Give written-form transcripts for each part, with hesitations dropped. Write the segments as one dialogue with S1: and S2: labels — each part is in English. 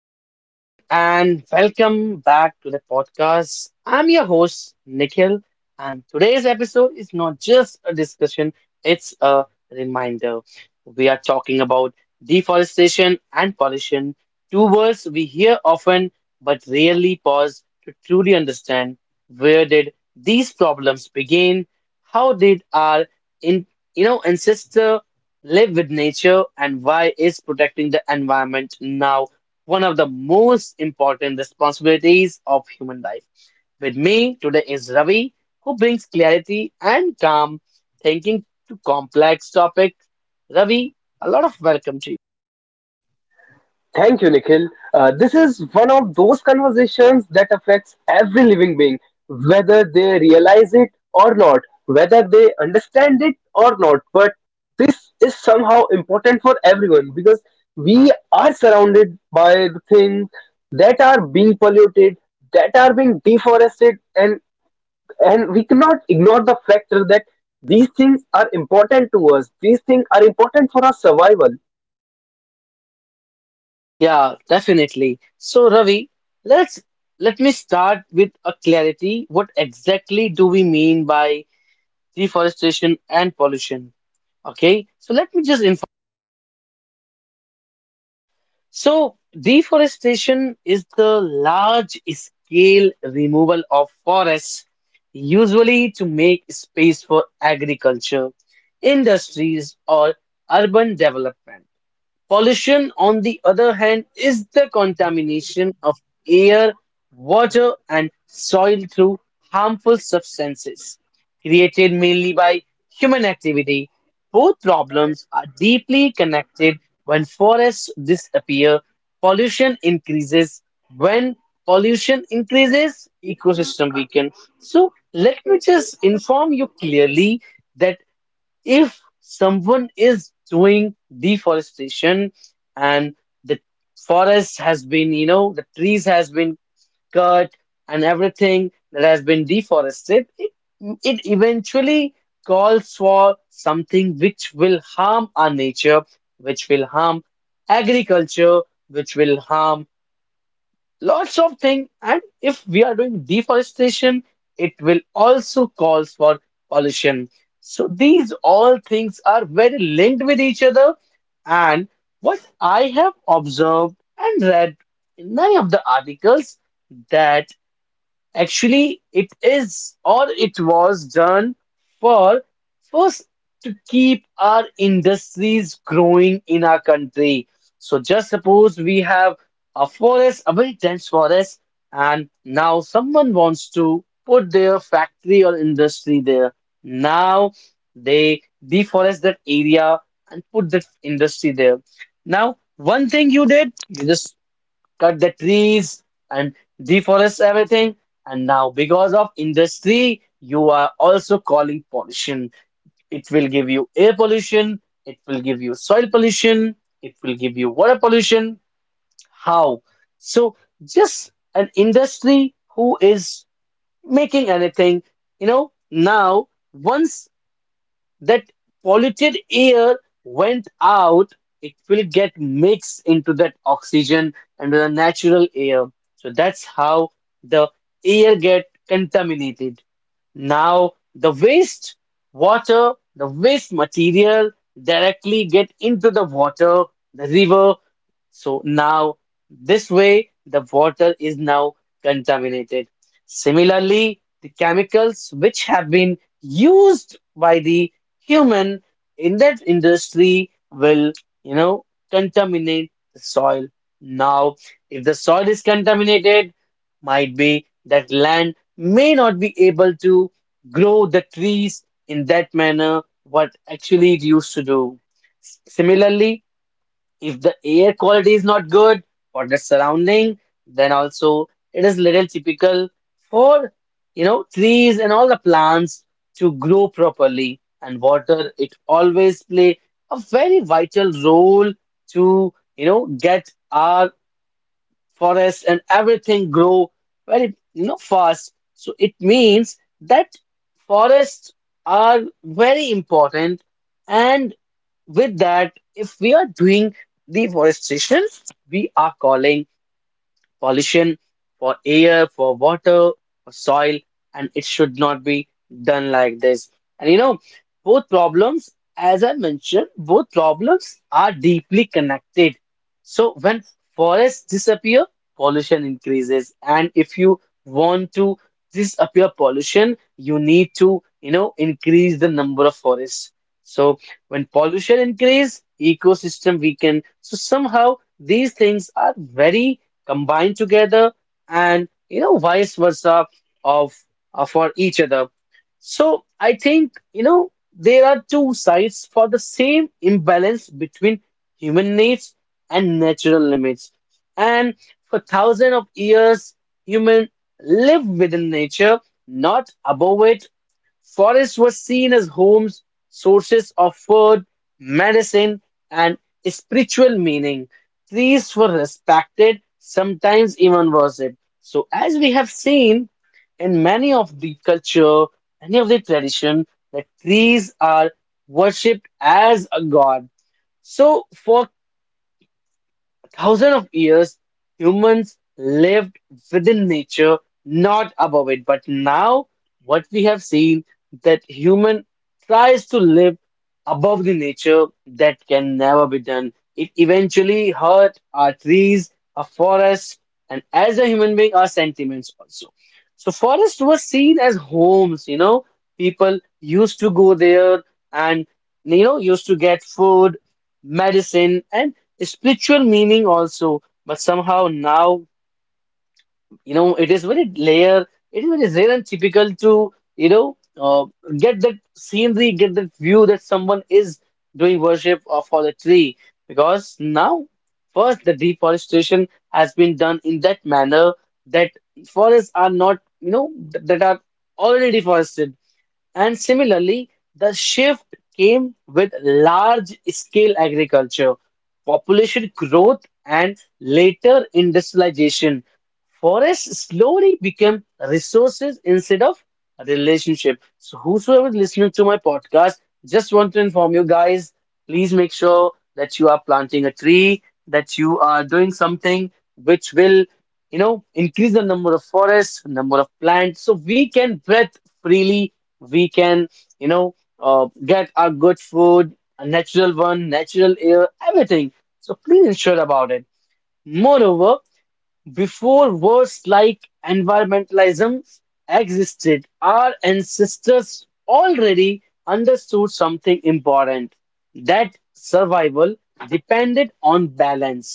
S1: Hello, everyone, and welcome back to the podcast. I'm your host, Nikhil, and today's episode is not just a discussion, it's a reminder. We are talking about deforestation and pollution, two words we hear often but rarely pause to truly understand. Where did these problems begin, how did our in, you know ancestor live with nature, and why is protecting the environment now one of the most important responsibilities of human life? With me today is Ravi, who brings clarity and calm thinking to complex topics. Ravi, a lot of welcome to you.
S2: Thank you, Nikhil. This is one of those conversations that affects every living being, whether they realize it or not, whether they understand it or not. But this is somehow important for everyone because we are surrounded by the things that are being polluted, that are being deforested, and we cannot ignore the factor that these things are important to us. These things are important for our survival.
S1: Yeah, definitely. So Ravi, let's let me start with a clarity. What exactly do we mean by deforestation and pollution? Okay, so let me just So, deforestation is the large scale removal of forests, usually to make space for agriculture, industries, or urban development. Pollution, on the other hand, is the contamination of air, water, and soil through harmful substances created mainly by human activity. Both problems are deeply connected. When forests disappear, pollution increases. When pollution increases, ecosystem weaken. So let me just inform you clearly that if someone is doing deforestation and the forest has been the trees has been cut and everything that has been deforested it eventually calls for something which will harm our nature, which will harm agriculture, which will harm lots of things. And if we are doing deforestation, it will also cause for pollution. So these all things are very linked with each other. And what I have observed and read in many of the articles, that actually it is, or it was done for first, to keep our industries growing in our country. So just suppose we have a forest, a very dense forest, and now someone wants to put their factory or industry there. Now they deforest that area and put that industry there. Now, one thing you did, you just cut the trees and deforest everything. And now, because of industry, you are also calling pollution. It will give you air pollution, it will give you soil pollution, it will give you water pollution. How? So, just an industry who is making anything, now once that polluted air went out, it will get mixed into that oxygen and the natural air. So that's how the air get contaminated. Now the waste water, the waste material directly get into the water, the river. So now this way the water is now contaminated. Similarly, the chemicals which have been used by the human in that industry will you know contaminate the soil. Now if the soil is contaminated, might be that land may not be able to grow the trees in that manner what actually it used to do. Similarly, if the air quality is not good or the surrounding, then also it is little typical for trees and all the plants to grow properly, and water it always play a very vital role to get our forests and everything grow very fast. So it means that forests are very important. And with that, if we are doing deforestation, we are calling pollution for air, for water, for soil, and it should not be done like this. And you know, both problems, as I mentioned, both problems are deeply connected. So when forests disappear, pollution increases. And if you want to disappear pollution, you need to, you know, increase the number of forests. So when pollution increase, ecosystem weaken. So somehow these things are very combine together and you know vice versa of, of for each other. So I think you know there are two sides for the same imbalance between human needs and natural limits. And for thousands of years, human lived within nature, not above it. Forests were seen as homes, sources of food, medicine, and spiritual meaning. Trees were respected, sometimes even worshipped. So, as we have seen in many of the culture, many of the tradition, that trees are worshipped as a god. So, for thousands of years, humans lived within nature, not above it. But now, what we have seen that human tries to live above the nature, that can never be done. It eventually hurt our trees, our forests, and as a human being, our sentiments also. So, forests were seen as homes. You know, people used to go there and used to get food, medicine, and spiritual meaning also. But somehow now you know it is very rare, it is very rare and typical to get that scenery, get that view that someone is doing worship of for the tree. Because now first the deforestation has been done in that manner that forests are not that are already deforested. And similarly, the shift came with large scale agriculture, population growth, and later industrialization. Forests slowly became resources instead of relationship. So, whosoever is listening to my podcast, just want to inform you guys, please make sure that you are planting a tree, that you are doing something which will you know increase the number of forests, number of plants, so we can breathe freely, we can get our good food, a natural one, natural air, everything. So please ensure about it. Moreover, before words like environmentalism existed, our ancestors already understood something important, that survival depended on balance.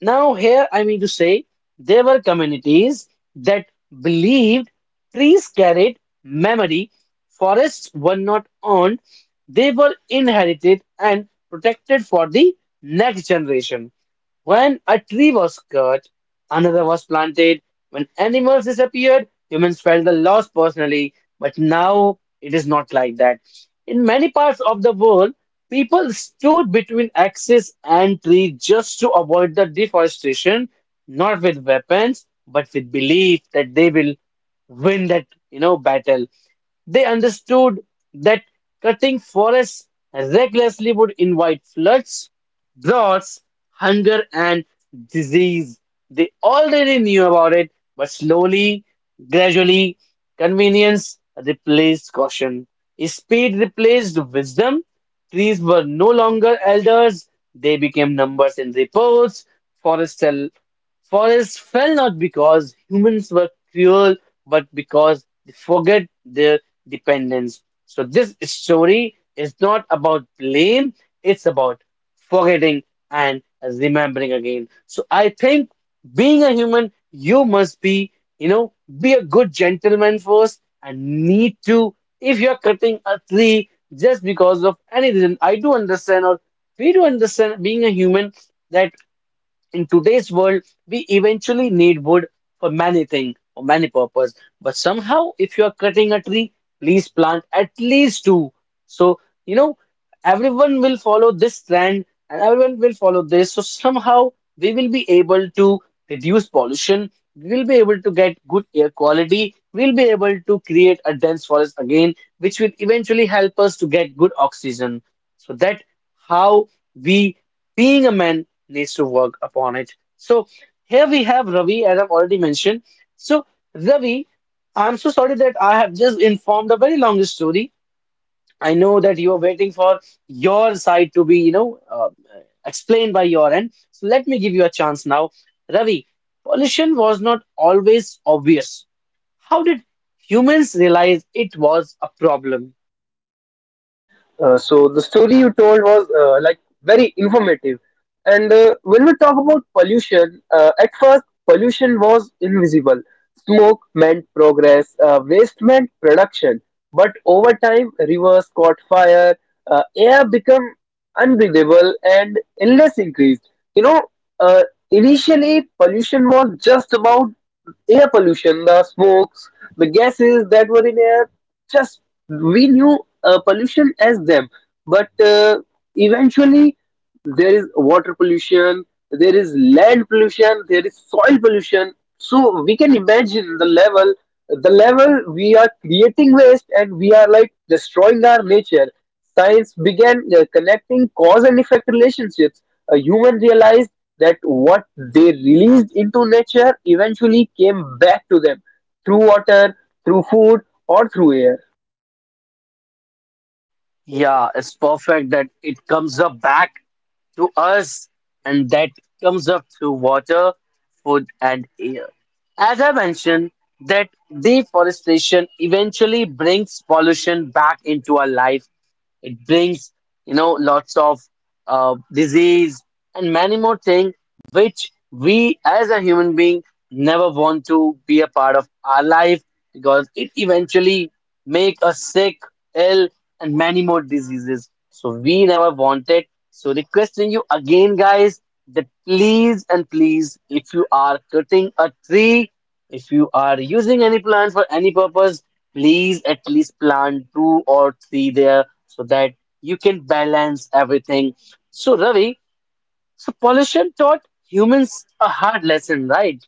S1: Now, here I mean to say there were communities that believed trees carried memory, forests were not owned, they were inherited and protected for the next generation. When a tree was cut, another was planted. When animals disappeared, humans felt the loss personally. But now it is not like that. In many parts of the world, people stood between axes and trees just to avoid the deforestation, not with weapons, but with belief that they will win that, you know, battle. They understood that cutting forests recklessly would invite floods, droughts, hunger, and disease. They already knew about it, but slowly, gradually, convenience replaced caution. Speed replaced wisdom. Trees were no longer elders, they became numbers in reports. Forests, fell- Forests fell not because humans were cruel, but because they forget their dependence. So this story is not about blame, it's about forgetting and remembering again. So I think being a human, you must be, you know, be a good gentleman first and need to, if you're cutting a tree just because of any reason, I do understand, or we do understand being a human that. In today's world, we eventually need wood for many things, or many purpose. But somehow, if you are cutting a tree, please plant at least two. So, you know, everyone will follow this trend and everyone will follow this. So somehow we will be able to reduce pollution. We will be able to get good air quality. We'll be able to create a dense forest again, which will eventually help us to get good oxygen. So that how we being a man needs to work upon it. So here we have Ravi, as I've already mentioned. So Ravi, I'm so sorry that I have just informed a very long story. I know that you are waiting for your side to be, explained by your end. So let me give you a chance now. Ravi, pollution was not always obvious. How did humans realize it was a problem?
S2: So the story you told was like very informative. And when we talk about pollution, at first pollution was invisible. Smoke meant progress, waste meant production. But over time, rivers caught fire, air became unbreathable and illness increased. You know, uh, initially pollution was just about air pollution, the smokes, the gases that were in air. Just we knew pollution as them, but eventually there is water pollution, there is land pollution, there is soil pollution. So we can imagine the level we are creating waste and we are like destroying our nature. Science began connecting cause and effect relationships. A human realized that what they released into nature eventually came back to them through water, through food, or through air.
S1: Yeah, it's perfect that it comes up back to us, and that comes up through water, food, and air. As I mentioned, that deforestation eventually brings pollution back into our life. It brings, you know, lots of disease and many more things which we as a human being never want to be a part of our life, because it eventually make us sick, ill, and many more diseases. So we never want it. So requesting you again, guys, that please and please, if you are cutting a tree, if you are using any plant for any purpose, please at least plant two or three there so that you can balance everything. So, Ravi, so pollution taught humans a hard lesson, right?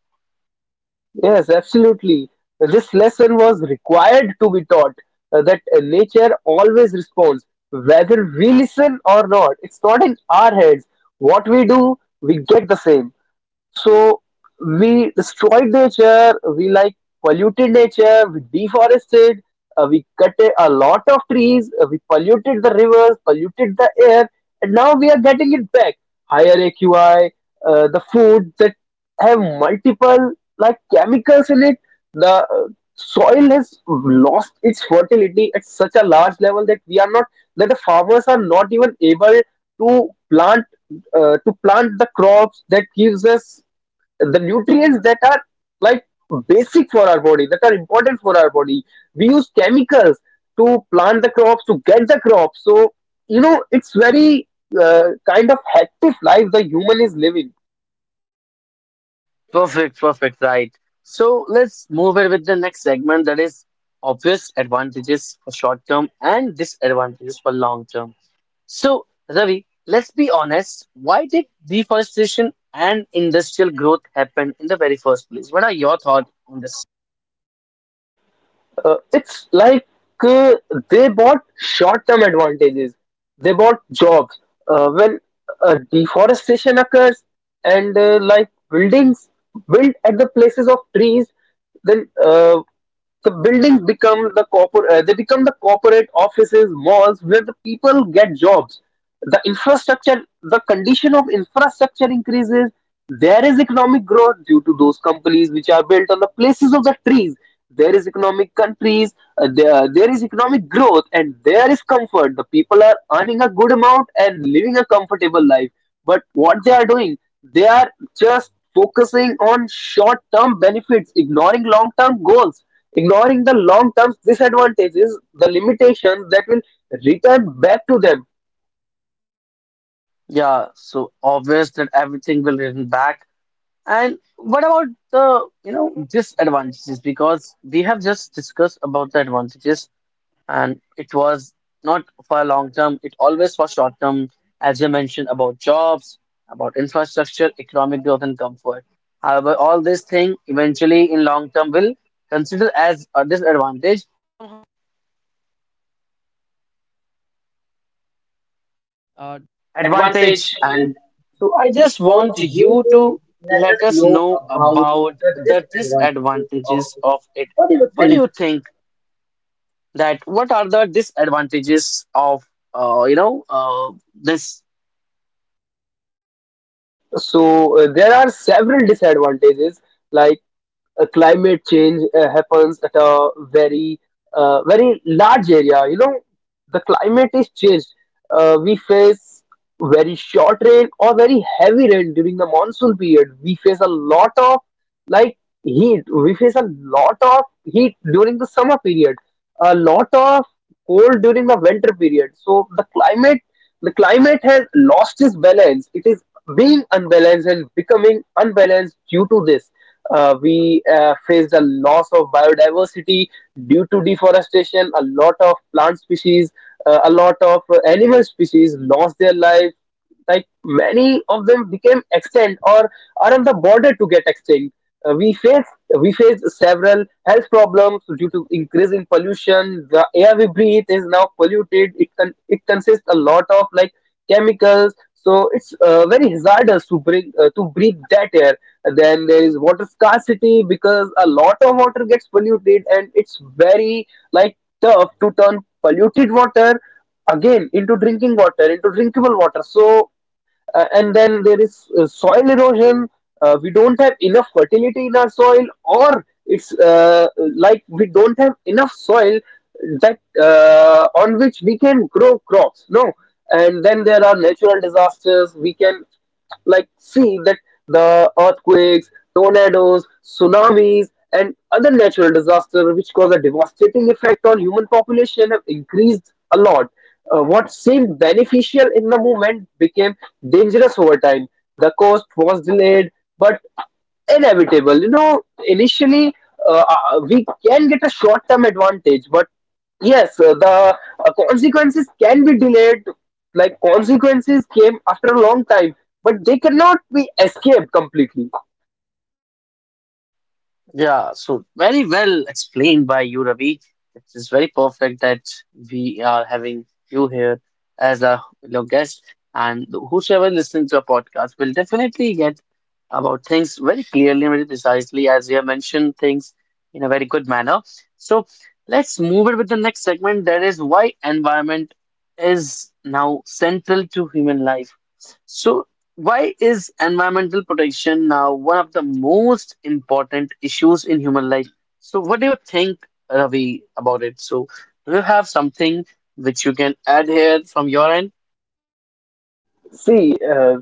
S2: Yes, absolutely. This lesson was required to be taught that nature always responds, whether we listen or not. It's not in our heads. What we do, we get the same. So we destroyed nature, we like polluted nature, we deforested, we cut a lot of trees, we polluted the rivers, polluted the air, and now we are getting it back. Higher AQI, the food that have multiple like chemicals in it, the soil has lost its fertility at such a large level that we are not that the farmers are not even able to plant to plant the crops that gives us the nutrients that are like basic for our body, that are important for our body. We use chemicals to plant the crops, to get the crops. So you know, it's very kind of hectic life the human is living.
S1: Perfect, perfect, right. So, let's move it with the next segment, that is obvious advantages for short term and disadvantages for long term. So, Ravi, let's be honest. Why did deforestation and industrial growth happen in the very first place? What are your thoughts on this?
S2: It's like uh, they bought short-term advantages, they bought jobs when deforestation occurs and like buildings built at the places of trees. Then the buildings become the they become the corporate offices, malls, where the people get jobs. The infrastructure, the condition of infrastructure increases. There is economic growth due to those companies which are built on the places of the trees. There is economic countries there is economic growth and there is comfort. The people are earning a good amount and living a comfortable life. But what they are doing, they are just focusing on short term benefits, ignoring long term goals. Ignoring the long term disadvantages, the limitations that will return back to them.
S1: Yeah, so obvious that everything will return back. And what about the, you know, disadvantages? Because we have just discussed about the advantages, and it was not for long term, it always for short term, as you mentioned about jobs, about infrastructure, economic growth, and comfort. However, all these things eventually in long term will consider as a disadvantage.
S2: Advantage. And I just want you to let us know about the disadvantages of this. What do you
S1: What do you
S2: think?
S1: think that what are the disadvantages of this?
S2: So there are several disadvantages like climate change happens at a very large area. You know, the climate is changed. We face very short rain or very heavy rain during the monsoon period. We face a lot of like heat, we face a lot of heat during the summer period, a lot of cold during the winter period. So the climate has lost its balance. It is being unbalanced and becoming unbalanced due to this. We faced a loss of biodiversity due to deforestation. A lot of plant species, a lot of animal species lost their life. Like many of them became extinct or are on the border to get extinct. Uh, we face we face several health problems due to increasing pollution. The air we breathe is now polluted. It it consists a lot of like chemicals, so it's very hazardous to bring to breathe that air. Then there is water scarcity because a lot of water gets polluted and it's very like tough to turn polluted water again into drinking water, into drinkable water. So and then there is soil erosion. We don't have enough fertility in our soil, or it's like we don't have enough soil that on which we can grow crops. No, and then there are natural disasters. We can like see that the earthquakes, tornadoes, tsunamis, and other natural disasters which cause a devastating effect on human population have increased a lot. What seemed beneficial in the moment became dangerous over time. The cost was delayed, but inevitable. You know, initially we can get a short-term advantage, but yes, the consequences can be delayed. Like consequences came after a long time, but they cannot be escaped completely.
S1: Yeah, so very well explained by you, Ravi. It is very perfect that we are having you here as a guest, and whosoever listening to our podcast will definitely get about things very clearly and very precisely, as we have mentioned things in a very good manner. So let's move it with the next segment, that is why environment is now central to human life. So why is environmental protection now one of the most important issues in human life? So what do you think, Ravi, about it? So do you have something which you can add here from your end?
S2: See, uh,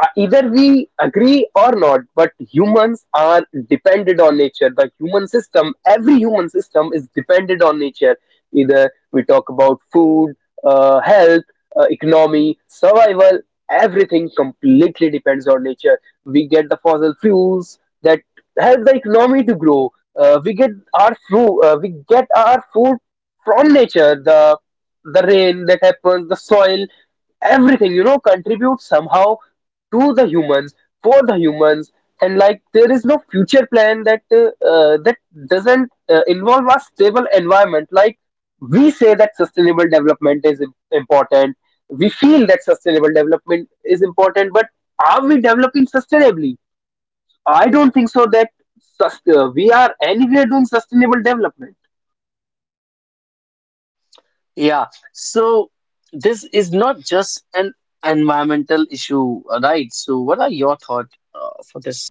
S2: uh, either we agree or not, but humans are dependent on nature. The human system, every human system is dependent on nature. Either we talk about food, health, economy, survival, everything completely depends on nature. We get the fossil fuels that help the economy to grow. We get our food from nature. The rain that happens, the soil, everything, you know, contributes somehow to the humans, for the humans. And like there is no future plan that doesn't involve a stable environment. Like we say that sustainable development is important, we feel that sustainable development is important, but are we developing sustainably? I don't think so that we are anywhere doing sustainable development.
S1: Yeah, so this is not just an environmental issue, right? So, what are your thoughts for this?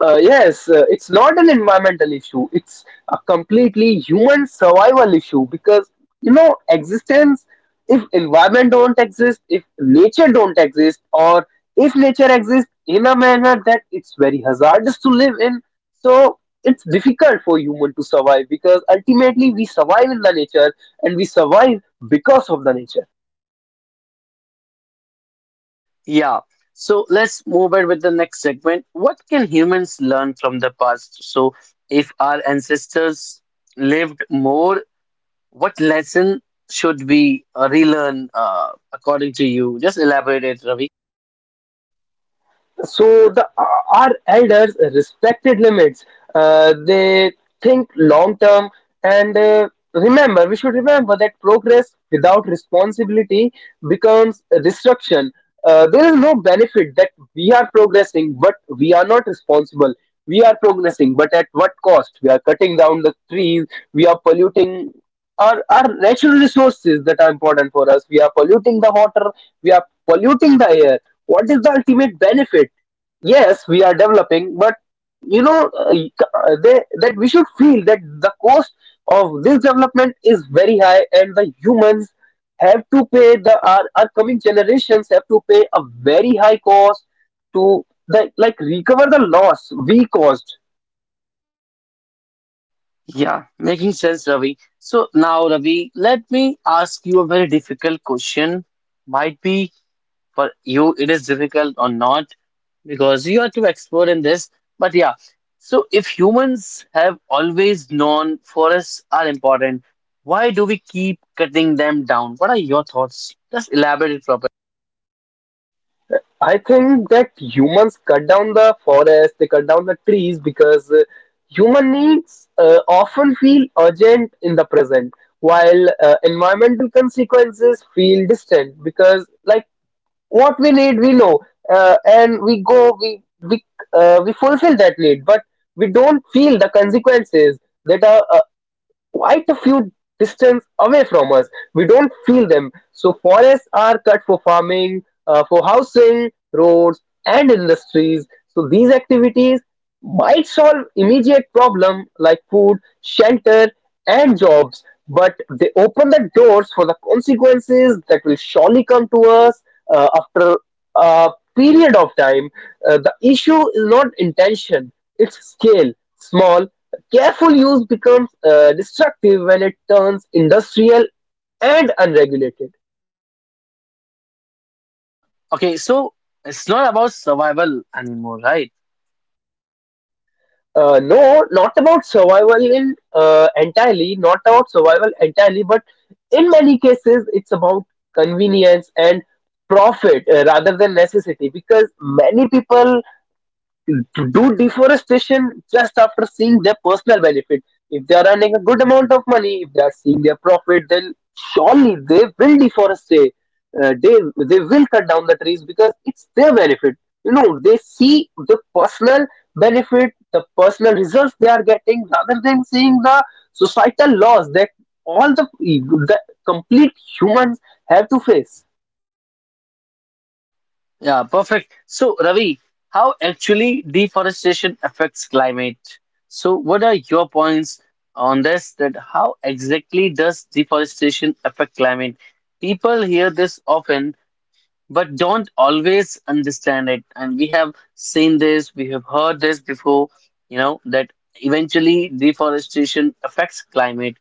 S2: Yes, it's not an environmental issue. It's a completely human survival issue because you know existence. If environment don't exist, if nature don't exist, or if nature exists in a manner that it's very hazardous to live in, so it's difficult for human to survive because ultimately we survive in the nature and we survive because of the nature.
S1: Yeah, so let's move on with the next segment. What can humans learn from the past? So, if our ancestors lived more, what lesson should we relearn according to you? Just elaborate it, Ravi.
S2: So the our elders respected limits. They think long term. And remember, we should remember that progress without responsibility becomes destruction. There is no benefit that we are progressing, but we are not responsible. We are progressing, but at what cost? We are cutting down the trees, we are polluting our natural resources that are important for us. We are polluting the water, we are polluting the air. What is the ultimate benefit? Yes, we are developing, but you know they, that we should feel that the cost of this development is very high and the humans have to pay the our coming generations have to pay a very high cost to like recover the loss we caused.
S1: Yeah, making sense, Ravi. So, now, Ravi, let me ask you a very difficult question. Might be for you it is difficult or not because you are too expert in this, but yeah, so if humans have always known forests are important, why do we keep cutting them down? What are your thoughts? Just elaborate it properly.
S2: I think that humans cut down the forest, they cut down the trees because human needs often feel urgent in the present while environmental consequences feel distant because like what we need we know, and we fulfill that need, but we don't feel the consequences that are quite a few distance away from us. We don't feel them. So forests are cut for farming, for housing, roads, and industries. So these activities might solve immediate problem like food, shelter, and jobs, but they open the doors for the consequences that will surely come to us after a period of time. The issue is not intention; it's scale. Small careful use becomes destructive when it turns industrial and unregulated.
S1: Okay, so it's not about survival anymore, right?
S2: No, not about survival in entirely, not about survival entirely, but in many cases it's about convenience and profit rather than necessity because many people do deforestation just after seeing their personal benefit. If they are earning a good amount of money, if they are seeing their profit, then surely they will deforest. Uh, they they will cut down the trees because it's their benefit. You know, they see the personal benefit, the personal results they are getting, rather than seeing the societal laws that all the complete humans have to face.
S1: Yeah, perfect. So, Ravi, how actually deforestation affects climate? So, what are your points on this? That how exactly does deforestation affect climate? People hear this often, but don't always understand it. And we have seen this, we have heard this before, that eventually deforestation affects climate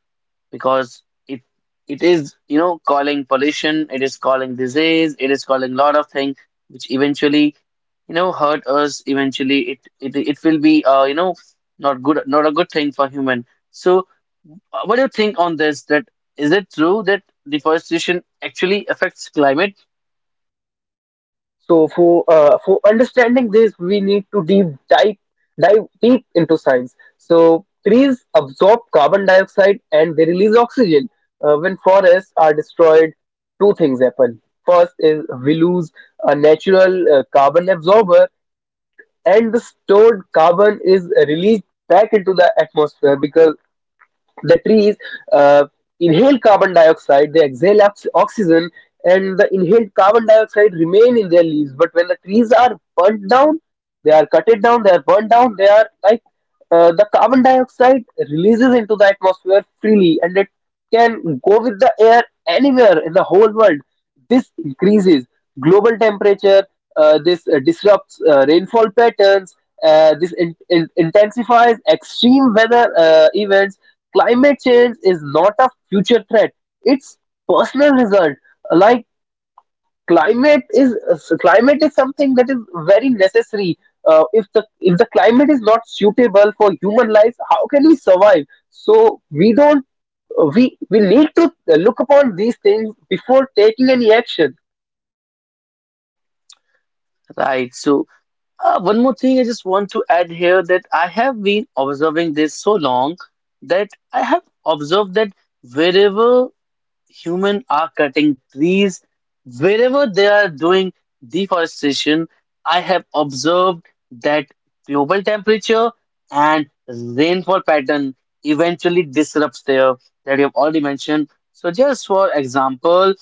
S1: because it is calling pollution, it is calling disease, it is calling lot of things which eventually hurt us eventually, it will be not good, not a good thing for human. So what do you think on this, that is it true that deforestation actually affects climate?
S2: So for understanding this, we need to deep dive dive deep into science. So trees absorb carbon dioxide and they release oxygen. When forests are destroyed, two things happen. First is we lose a natural carbon absorber, and the stored carbon is released back into the atmosphere because the trees uh, inhale carbon dioxide, they exhale oxygen, and the inhaled carbon dioxide remain in their leaves. But when the trees are burnt down, they are burnt down, they are like the carbon dioxide releases into the atmosphere freely, and it can go with the air anywhere in the whole world. This increases global temperature, this disrupts rainfall patterns, intensifies extreme weather events. Climate change is not a future threat, it's personal result. Like climate is something that is very necessary. If the climate is not suitable for human life, how can we survive? So we don't we need to look upon these things before taking any action.
S1: Right, so one more thing I just want to add here, that I have been observing this so long, that I have observed that wherever humans are cutting trees, wherever they are doing deforestation, I have observed that global temperature and rainfall pattern eventually disrupts there, that you have already mentioned. So just for example,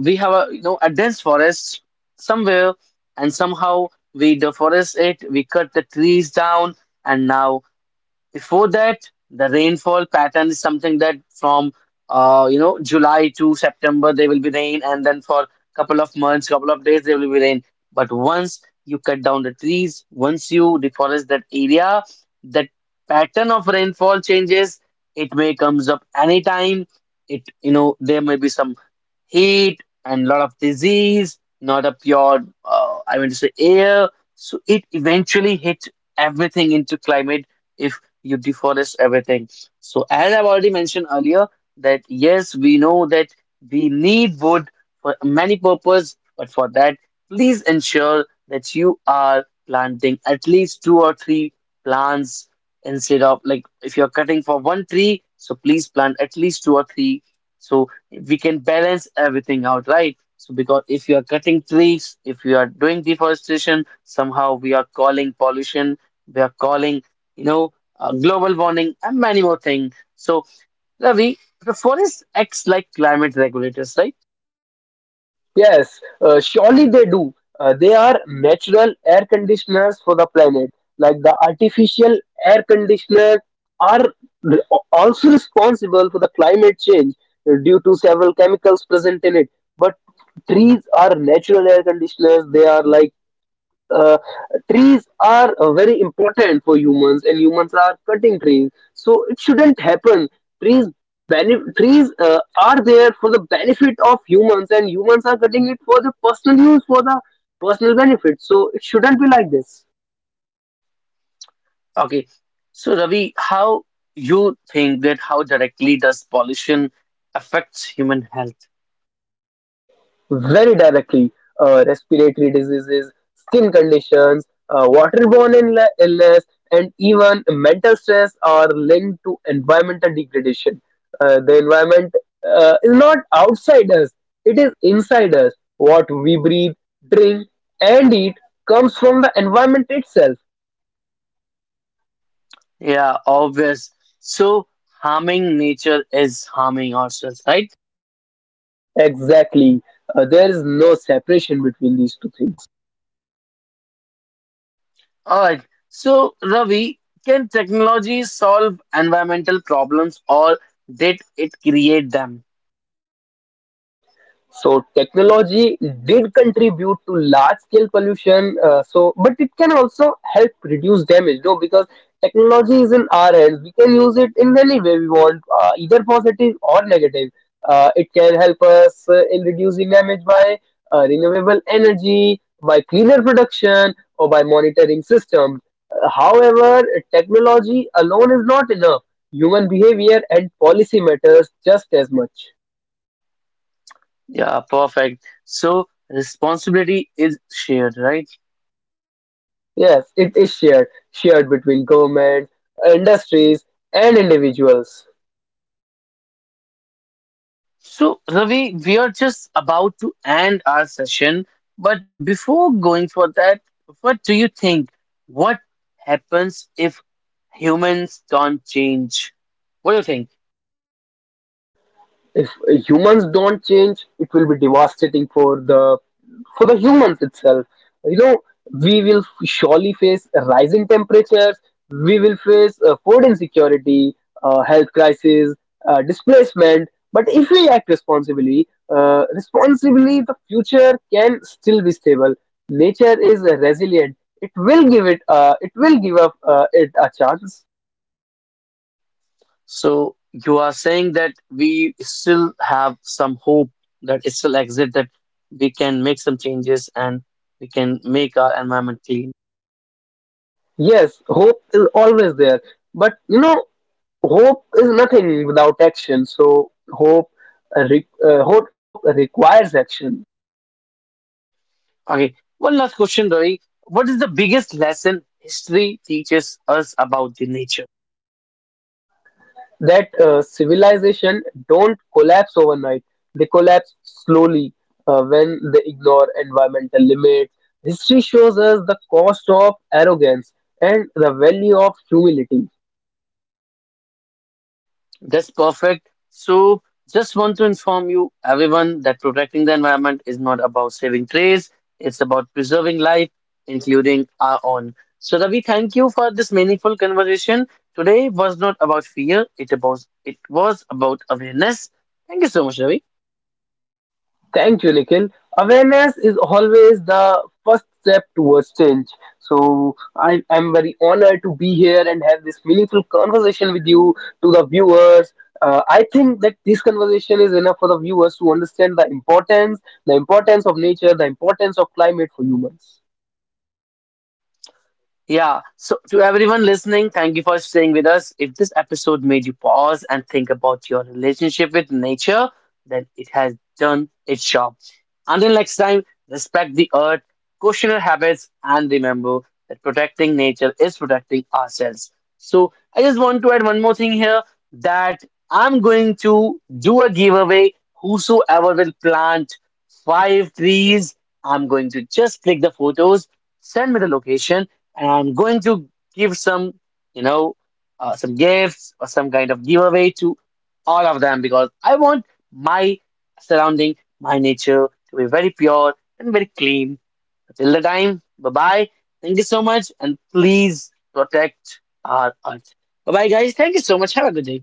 S1: we have a a dense forest somewhere, and somehow we deforest it, we cut the trees down, and now before that, the rainfall pattern is something that from July to September there will be rain, and then for couple of months, couple of days there will be rain. But once you cut down the trees, once you deforest that area, that pattern of rainfall changes. It may comes up anytime. It there may be some heat and lot of disease, not a pure, I mean to say, air. So it eventually hits everything into climate if you deforest everything. So as I've already mentioned earlier, that yes, we know that we need wood for many purposes, but for that, please ensure that you are planting at least two or three plants instead of like if you're cutting for one tree, so please plant at least two or three. So we can balance everything out, right? So, because if you are cutting trees, if you are doing deforestation, somehow we are calling pollution, we are calling, you know, global warming, and many more things. So, Ravi, the forest acts like climate regulators, right?
S2: Yes, surely they do. They are natural air conditioners for the planet. Like the artificial air conditioners are re- also responsible for the climate change due to several chemicals present in it. But trees are natural air conditioners. They are like uh, trees are very important for humans and humans are cutting trees, so it shouldn't happen. trees Trees are there for the benefit of humans and humans are cutting it for the personal use, for the personal benefit, so it shouldn't be like this.
S1: Okay. So, Ravi, how you think that how directly does pollution affects human health?
S2: Very directly. Respiratory diseases, skin conditions, waterborne illness, and even mental stress are linked to environmental degradation. The environment is not outside us, it is inside us. What we breathe, drink, and eat comes from the environment itself.
S1: Yeah, obvious. So, harming nature is harming ourselves, right?
S2: Exactly. There is no separation between these two things.
S1: All right. So, Ravi, can technology solve environmental problems or did it create them?
S2: So technology did contribute to large scale pollution. So, but it can also help reduce damage, no? Because technology is in our hands. We can use it in any way we want, either positive or negative. It can help us in reducing damage by renewable energy, by cleaner production, or by monitoring systems. However, technology alone is not enough. Human behavior and policy matters just as much.
S1: Yeah, perfect. So, responsibility is shared, right?
S2: Yes, it is shared, shared between government, industries, and individuals.
S1: So, Ravi, we are just about to end our session, but before going for that, what do you think? What happens if humans don't change? What do you think?
S2: If humans don't change, it will be devastating for the humans itself. You know, we will surely face rising temperatures, we will face food insecurity, health crisis, displacement. But if we act responsibly, responsibly, the future can still be stable. Nature is resilient. It will give it. It will give up it a chance.
S1: So you are saying that we still have some hope, that it still exists, that we can make some changes and we can make our environment clean.
S2: Yes, hope is always there. But you know, hope is nothing without action. So hope requires action.
S1: Okay, one last question, Ravi. What is the biggest lesson history teaches us about the nature?
S2: That civilization don't collapse overnight. They collapse slowly when they ignore environmental limits. History shows us the cost of arrogance and the value of humility.
S1: That's perfect. So, just want to inform you, everyone, that protecting the environment is not about saving trees, it's about preserving life, including our own. So, Ravi, thank you for this meaningful conversation. Today was not about fear, it was about awareness. Thank you so much, Ravi.
S2: Thank you, Nikhil. Awareness is always the first step towards change. So I'm very honored to be here and have this meaningful conversation with you, to the viewers. I think that this conversation is enough for the viewers to understand the importance of nature, the importance of climate for humans.
S1: Yeah. So, to everyone listening, thank you for staying with us. If this episode made you pause and think about your relationship with nature, then it has done its job. Until next time, respect the earth, question your habits, and remember that protecting nature is protecting ourselves. So, I just want to add one more thing here, that I'm going to do a giveaway. Whosoever will plant five trees, I'm going to just click the photos, send me the location, and I'm going to give some, you know, some gifts or some kind of giveaway to all of them, because I want my surrounding, my nature to be very pure and very clean. Until the time, bye bye. Thank you so much, and please protect our earth. Bye bye, guys. Thank you so much. Have a good day.